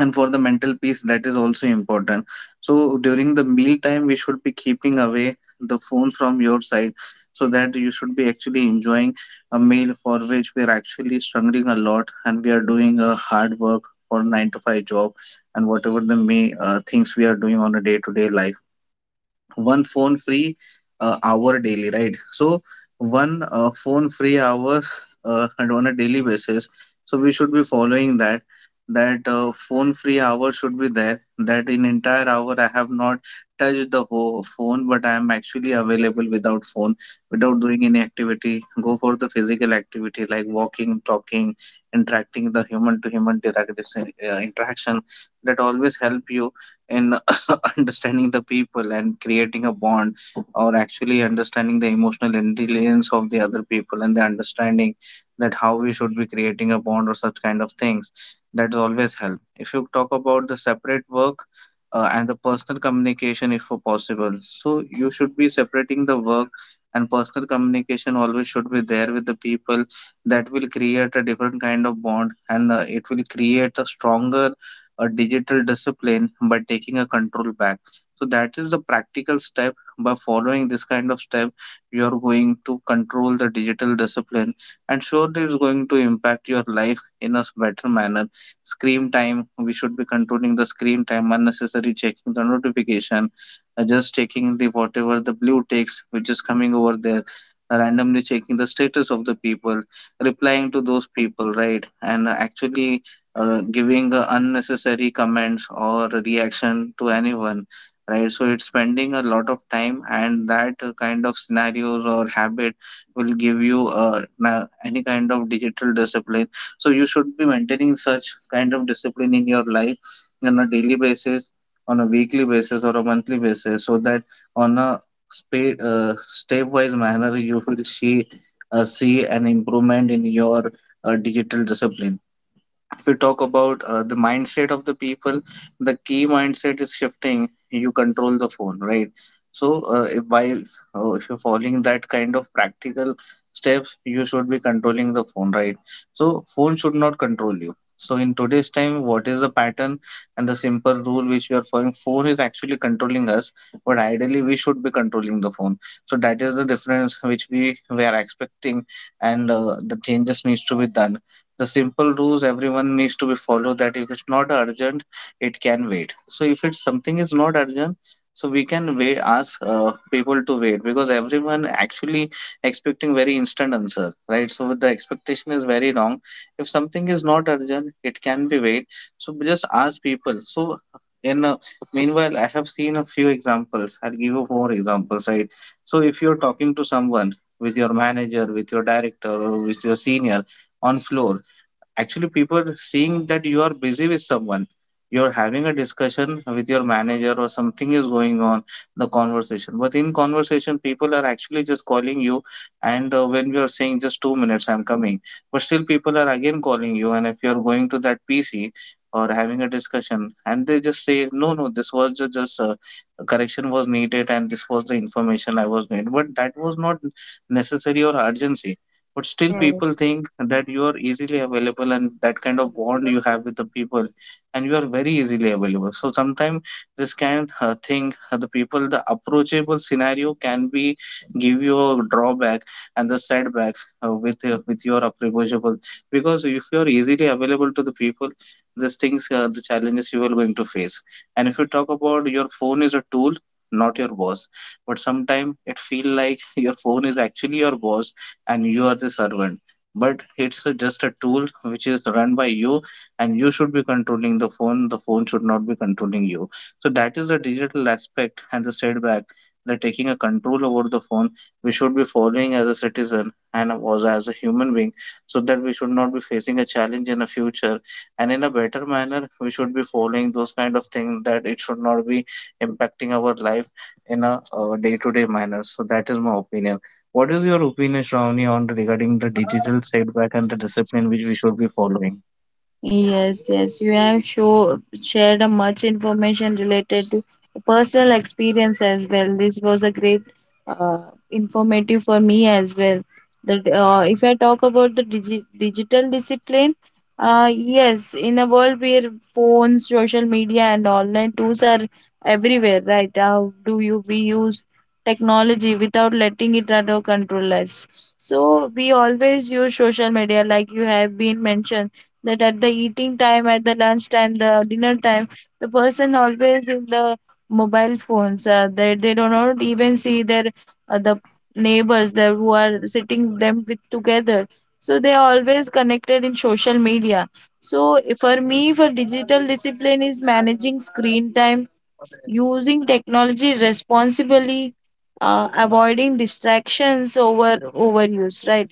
Speaker 1: and for the mental peace that is also important. So during the meal time we should be keeping away the phone from your side, so that you should be actually enjoying a meal for which we are actually struggling a lot and we are doing a hard work for 9 to 5 job, and whatever the may things we are doing on a day to day life. One phone free hour daily, right? So one phone free hour and on a daily basis, so we should be following that, that phone free hour should be there, that in entire hour I have not touched the whole phone, but I am actually available without phone, without doing any activity. Go for the physical activity, like walking, talking, interacting, the human to human interaction, that always help you in understanding the people and creating a bond, or actually understanding the emotional intelligence of the other people and the understanding that how we should be creating a bond or such kind of things that's always help if you talk about the separate work and the personal communication if possible, so you should be separating the work and personal communication. Always should be there with the people. That will create a different kind of bond, and it will create a stronger a digital discipline by taking a control back. So that is the practical step. By following this kind of step, you are going to control the digital discipline, and surely it's going to impact your life in a better manner. Screen time, we should be controlling the screen time, unnecessary checking the notification, just checking the whatever the blue text which is coming over there, randomly checking the status of the people, replying to those people, right? And actually giving unnecessary comments or reaction to anyone, right? So it's spending a lot of time, and that kind of scenarios or habit will give you any kind of digital discipline. So you should be maintaining such kind of discipline in your life on a daily basis, on a weekly basis or a monthly basis, so that on a stepwise manner you will see an improvement in your digital discipline. If we talk about the mindset of the people, the key mindset is shifting. You control the phone, right? So, if you're following that kind of practical steps, you should be controlling the phone, right? So, phone should not
Speaker 2: Yes,
Speaker 1: control you. So, in today's time, what is the pattern and the simple rule which we are following? Phone is actually controlling us, but ideally, we should be controlling the phone. So, that is the difference which we are expecting, and the changes needs to be done. The simple rules everyone needs to be followed that if it's not urgent, it can wait. So if it's something is not urgent, so we can wait, ask people to wait, because everyone actually expecting very instant answer, right? So the expectation is very wrong. If something is not urgent, it can be wait. So just ask people. So in meanwhile, I have seen a few examples, I'll give you four examples, right? So if you're talking to someone, with your manager, with your director or with your senior on floor, actually people seeing that you are busy with someone, you're having a discussion with your manager or something is going on the conversation, but in conversation people are actually just calling you, and when we are saying just 2 minutes I'm coming, but still people are again calling you, and if you're going to that PC or having a discussion, and they just say no, this was just a correction was needed, and this was the information I was made. But that was not necessary or urgency, but still people
Speaker 2: yes,
Speaker 1: think that you are easily available, and that kind of bond you have with the people, and you are very easily available. So sometimes this kind thing, the people, the approachable scenario can be give you a drawback and the setback, with your approachable. Because if you are easily available to the people, these things, the challenges you are going to face. And if you talk about, your phone is a tool, not your boss. But sometimes it feel like your phone is actually your boss and you are the servant. But it's just a tool which is run by you, and you should be controlling the phone. The phone should not be controlling you. So that is the digital aspect and the setback, that taking a control over the phone, we should be following as a citizen and also as a human being, so that we should not be facing a challenge in the future. And in a better manner, we should be following those kind of things, that it should not be impacting our life in a day-to-day manner. So that is my opinion. What is your opinion, Shravani, on regarding the digital setback and the discipline which we should be following?
Speaker 2: yes. You have show, shared a much information related to personal experience as well. This was a great informative for me as well. That if I talk about the digi- digital discipline, yes, in a world where phones, social media, and online tools are everywhere, right? How do you we use technology without letting it at our control us? So we always use social media, like you have been mentioned, that at the eating time, at the lunch time, the dinner time, the person always in the mobile phones they do not even see their the neighbors there who are sitting them with together. So they are always connected in social media. So for me, for digital discipline is managing screen time, using technology responsibly, avoiding distractions over overuse, right?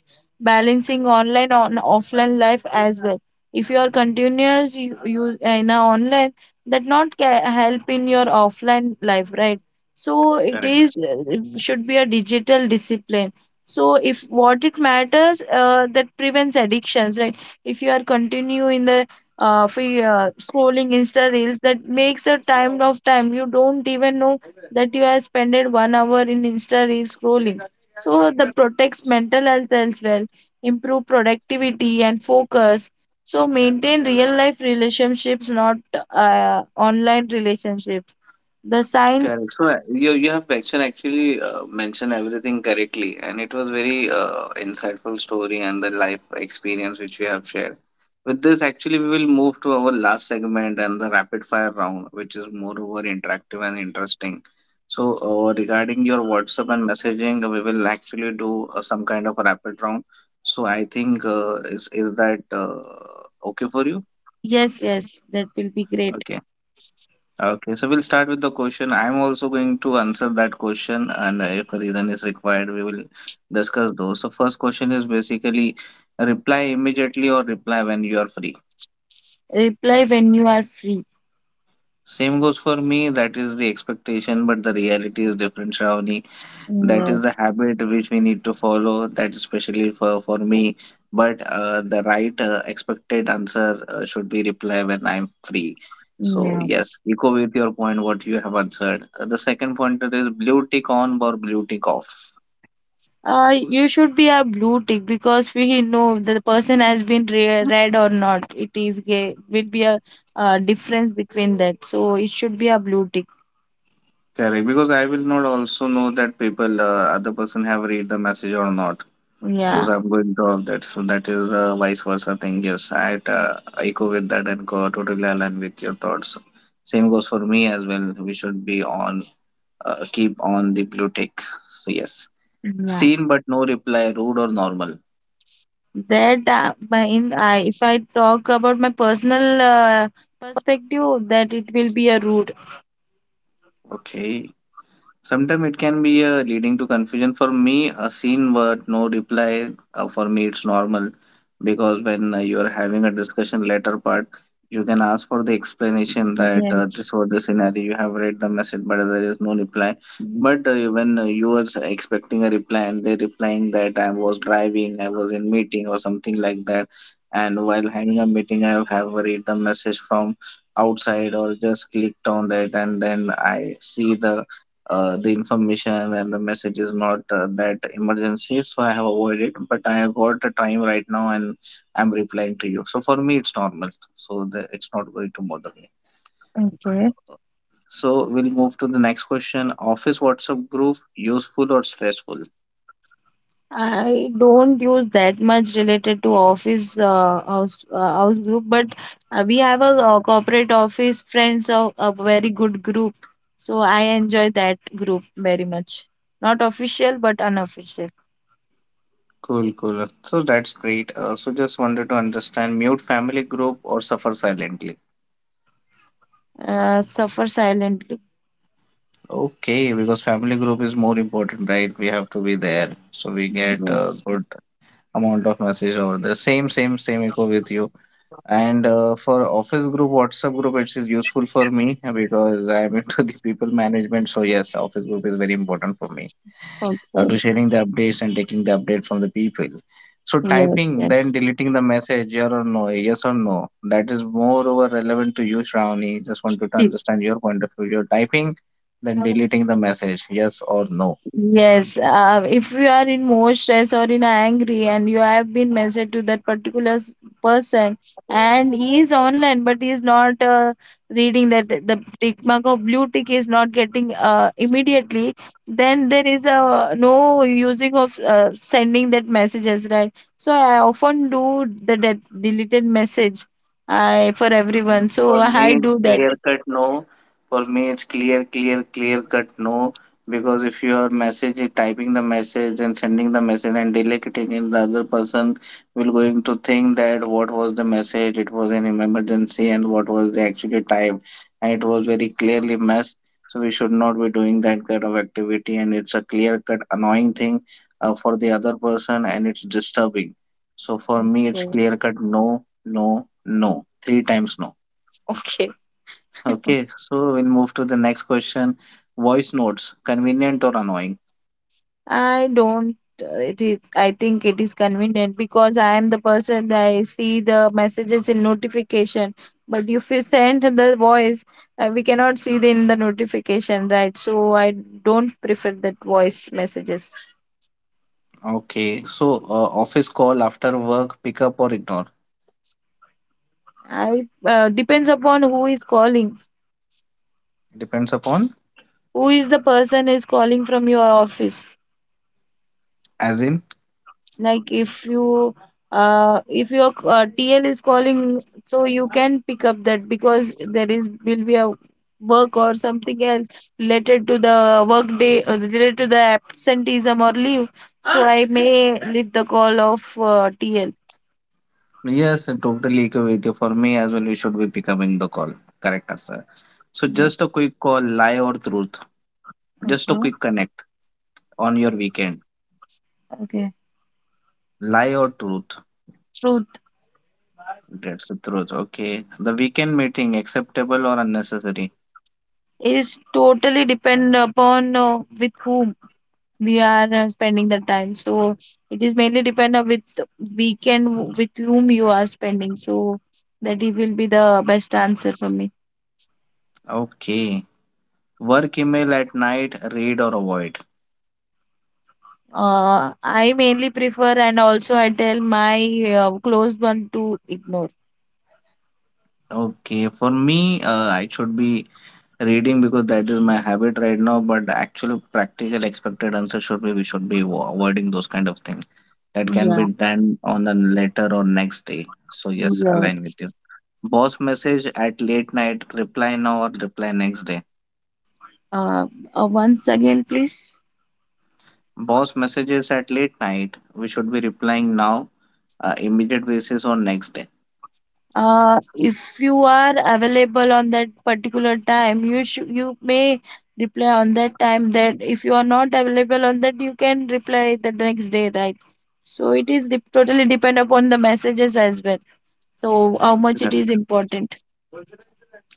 Speaker 2: Balancing online on offline life as well. If you are continuous you in a online, that not ca- help in your offline life, right? So it
Speaker 1: Correct.
Speaker 2: is, it should be a digital discipline. So if what it matters that prevents addictions, right? If you are continue in the free, scrolling Insta reels, that makes a time of time. You don't even know that you have spent 1 hour in Insta reels scrolling. So the protects mental health as well, improve productivity and focus. So maintain real life relationships, not online relationships. The sign.
Speaker 1: Correct. So you have actually mentioned everything correctly, and it was very insightful story and the life experience which you have shared. With this, actually, we will move to our last segment and the rapid fire round, which is moreover interactive and interesting. So regarding your WhatsApp and messaging, we will actually do some kind of a rapid round. So I think is that okay for you?
Speaker 2: Yes, yes, that will be great.
Speaker 1: Okay. Okay, so we'll start with the question. I'm also going to answer that question, and if a reason is required, we will discuss those. So, first question is basically reply immediately or reply when you are free.
Speaker 2: Reply when you are free.
Speaker 1: Same goes for me. That is the expectation, but the reality is different, Shravani. That is the
Speaker 2: Yes,
Speaker 1: habit which we need to follow, that especially for me, but the right expected answer should be reply when I'm free. So yes,
Speaker 2: yes.
Speaker 1: echo with your point what you have answered. The second pointer is blue tick on or blue tick off.
Speaker 2: You should be a blue tick because we know the person has been re read or not. It is gay. Will be a difference between that. So it should be a blue tick.
Speaker 1: Correct, because I will not also know that people, other person have read the message or not, because
Speaker 2: Yeah,
Speaker 1: I'm going through all that. So that is a vice versa thing. Yes, I echo with that and totally align with your thoughts. Same goes for me as well. We should be on, keep on the blue tick. So yes,
Speaker 2: yeah.
Speaker 1: seen but no reply, rude or normal.
Speaker 2: That my in I if I talk about my personal perspective, that it will be a rude.
Speaker 1: Okay, sometimes it can be leading to confusion. For me, a seen word, no reply, for me it's normal, because when you're having a discussion later part, you can ask for the explanation, that
Speaker 2: Yes.
Speaker 1: this or this scenario, you have read the message, but there is no reply. But when you are expecting a reply, and they're replying that I was driving, I was in meeting or something like that, and while having a meeting, I have read the message from outside or just clicked on that, and then I see the, the information, and the message is not that emergency, so I have avoided, but I have got a time right now, and I'm replying to you. So for me it's normal. So it's not going to bother me.
Speaker 2: Okay.
Speaker 1: So we'll move to the next question. Office WhatsApp group, useful or stressful?
Speaker 2: I don't use that much related to office house house group, but we have a, corporate office friends of a very good group, so I enjoy that group very much. Not official, but unofficial.
Speaker 1: Cool, cool. So that's great. So just wanted to understand, mute family group or suffer silently?
Speaker 2: Suffer silently.
Speaker 1: Okay, because family group is more important, right? We have to be there, so we get a
Speaker 2: Yes.
Speaker 1: good amount of message over there. Same, same, same, echo with you. And for office group, WhatsApp group, it is useful for me, because I am into the people management. So yes, office group is very important for me
Speaker 2: Okay.
Speaker 1: to sharing the updates and taking the update from the people. So
Speaker 2: Yes.
Speaker 1: typing, then
Speaker 2: Yes.
Speaker 1: deleting the message, yes or no, yes or no? That is moreover relevant to you, Shravani. Just wanted to
Speaker 2: Yes.
Speaker 1: understand your point of view. You're typing, then deleting the message, yes or no?
Speaker 2: Yes, if you are in more stress or in angry and you have been message to that particular s- person, and he is online but he is not reading, that the tick mark of blue tick is not getting immediately, then there is a no using of sending that messages, right? So I often do the de deleted message I for
Speaker 1: Mm,
Speaker 2: everyone. So
Speaker 1: For me,
Speaker 2: I
Speaker 1: it's
Speaker 2: do that.
Speaker 1: clear cut no. For me, it's clear, clear, clear cut no. Because if you are message typing the message and sending the message and delegating it, the other person will going to think that what was the message, it was an emergency, and what was the actually typed, and it was very clearly messed. So we should not be doing that kind of activity, and it's a clear cut annoying thing for the other person, and it's disturbing. So for me, it's
Speaker 2: Okay.
Speaker 1: clear cut no, no, no, three times no.
Speaker 2: Okay.
Speaker 1: Okay, so we'll move to the next question. Voice notes, convenient or annoying?
Speaker 2: I don't. It is. I think it is convenient because I am the person that I see the messages in notification. But if you send the voice, we cannot see the, in the notification, right? So I don't prefer that voice messages.
Speaker 1: Okay, so office call after work, pick up or ignore?
Speaker 2: I depends upon who is calling.
Speaker 1: Depends upon,
Speaker 2: Who is the person is calling from your office?
Speaker 1: as in,
Speaker 2: Like if you if your TL is calling, so you can pick up that because there is will be a work or something else related to the work day or related to the absenteeism or leave. So I may leave the call of TL.
Speaker 1: yes, I totally agree with you. For me, as well, you should be picking the call. Correct answer. So just a
Speaker 2: Yes.
Speaker 1: quick call, lie or truth? Just a quick
Speaker 2: Okay.
Speaker 1: connect on your weekend.
Speaker 2: Okay.
Speaker 1: Lie or truth?
Speaker 2: Truth.
Speaker 1: That's the truth. Okay, the weekend meeting, acceptable or unnecessary?
Speaker 2: Is totally depend upon with whom we are spending the time. So it is mainly depend on with weekend with whom you are spending, so that it will be the best answer for me.
Speaker 1: Okay, work email at night, read or avoid?
Speaker 2: Uh, I mainly prefer and also I tell my close one to ignore.
Speaker 1: Okay, for me, I should be reading, because that is my habit right now. But actually, practical expected answer should be, we should be avoiding those kind of things that can
Speaker 2: Yeah.
Speaker 1: be done on a later or next day. So yes, align
Speaker 2: Yes.
Speaker 1: with you. Boss message at late night, reply now or reply next day?
Speaker 2: uh, Once again, please.
Speaker 1: Boss messages at late night, we should be replying now, immediate basis or next day.
Speaker 2: Uh, if you are available on that particular time you sh- you may reply on that time, that if you are not available on that you can reply the next day, right? So it is dep totally depend upon the messages as well, so how much
Speaker 1: Yeah.
Speaker 2: it is important.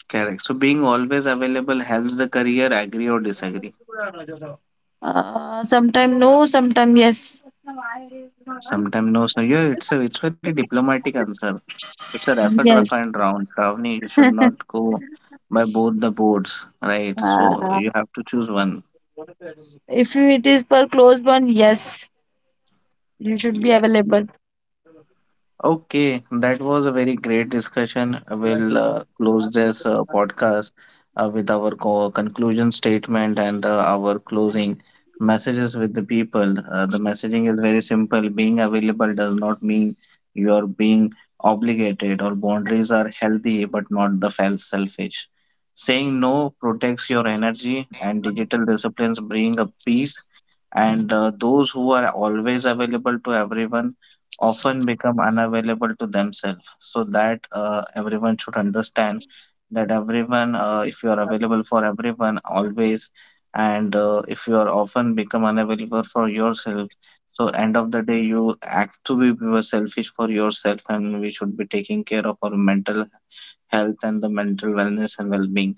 Speaker 1: Correct. So being always available helps the career, agree or disagree?
Speaker 2: Uh, sometime no, sometime yes.
Speaker 1: Sometimes no, so yeah, it's a it's very diplomatic answer. It's a rapid refined
Speaker 2: Yes.
Speaker 1: round. Shravani, you should not go by both the boards, right? So
Speaker 2: Uh,
Speaker 1: you have to choose one.
Speaker 2: if it is per closed one, yes, you should be
Speaker 1: Yes.
Speaker 2: available.
Speaker 1: Okay, that was a very great discussion. We'll close this podcast with our co conclusion statement and our closing messages with the people. The messaging is very simple. Being available does not mean you are being obligated, or boundaries are healthy but not the selfish. Saying no protects your energy, and digital disciplines bring a peace, and those who are always available to everyone often become unavailable to themselves. So that everyone should understand that everyone, if you are available for everyone always, and if you are often become unavailable for yourself, so end of the day you have to be, we were selfish for yourself, and we should be taking care of our mental health and the mental wellness and well-being,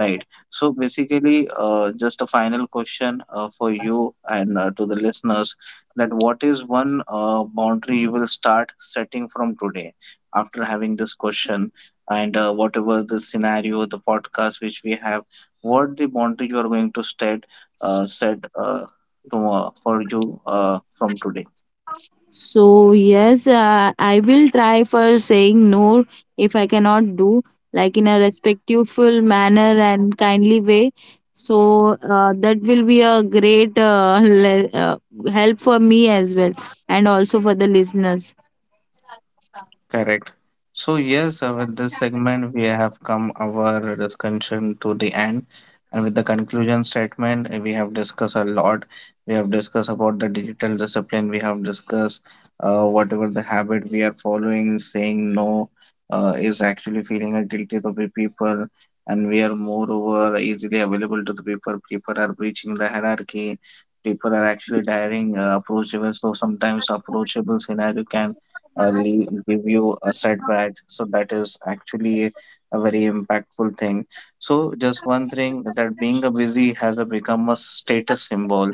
Speaker 1: right? So basically, just a final question for you and to the listeners, that what is one boundary you will start setting from today after having this question, and whatever the scenario, the podcast which we have, what the boundary you are going to set, uh, set uh, tomorrow for you, from today.
Speaker 2: So yes, I will try for saying no if I cannot do, like in a respectful manner and kindly way. So that will be a great le- help for me as well and also for the listeners.
Speaker 1: Correct. So yes, with this segment we have come our discussion to the end, and with the conclusion statement we have discussed a lot. We have discussed about the digital discipline. We have discussed whatever the habit we are following, saying no is actually feeling a guilty to the people, and we are moreover easily available to the people. People are breaching the hierarchy. People are actually daring approachable. So sometimes approachable scenario can give you a setback. So that is actually a very impactful thing. So just one thing, that being a busy has a become a status symbol,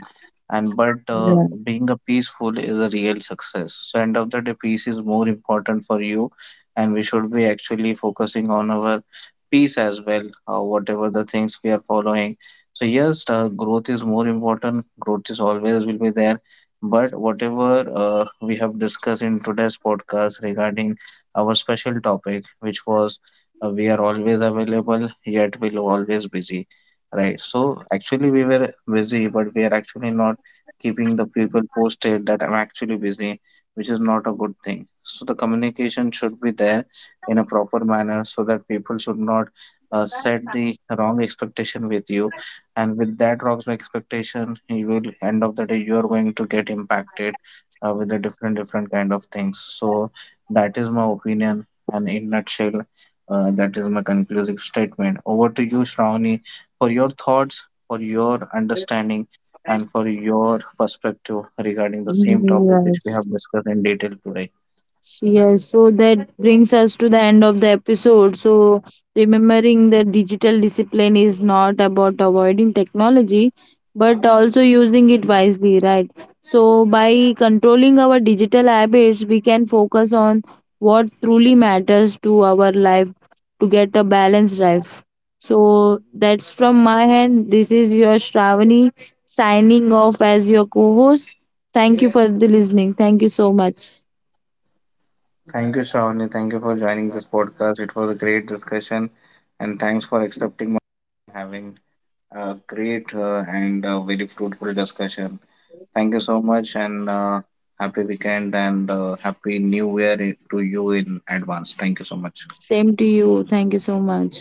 Speaker 1: and but
Speaker 2: Yeah.
Speaker 1: being a peaceful is a real success. So end of the day, peace is more important for you, and we should be actually focusing on our peace as well, whatever the things we are following. So yes, growth is more important. Growth is always will be there, but whatever we have discussed in today's podcast regarding our special topic, which was, we are always available, yet we're always busy, right? So actually, we were busy, but we are actually not keeping the people posted that I'm actually busy, which is not a good thing. So the communication should be there in a proper manner, so that people should not set the wrong expectation with you, and with that rocks expectation you will, end of the day you are going to get impacted with the different kind of things. So that is my opinion, and in nutshell, that is my conclusive statement. Over to you, Shravani, for your thoughts, for your understanding, and for your perspective regarding the same topic which we
Speaker 2: Yes.
Speaker 1: have discussed in detail today.
Speaker 2: Yes, so that brings us to the end of the episode. So, remembering that digital discipline is not about avoiding technology but also using it wisely, right? So, by controlling our digital habits, we can focus on what truly matters to our life to get a balanced life. So, that's from my end. This is your Shravani signing off as your co host. Thank you for the listening. Thank you so much.
Speaker 1: Thank you, Shravani. Thank you for joining this podcast. It was a great discussion, and thanks for accepting my having a great and a very fruitful discussion. Thank you so much, and happy weekend and happy new year to you in advance. Thank you so much.
Speaker 2: Same to you. Thank you so much.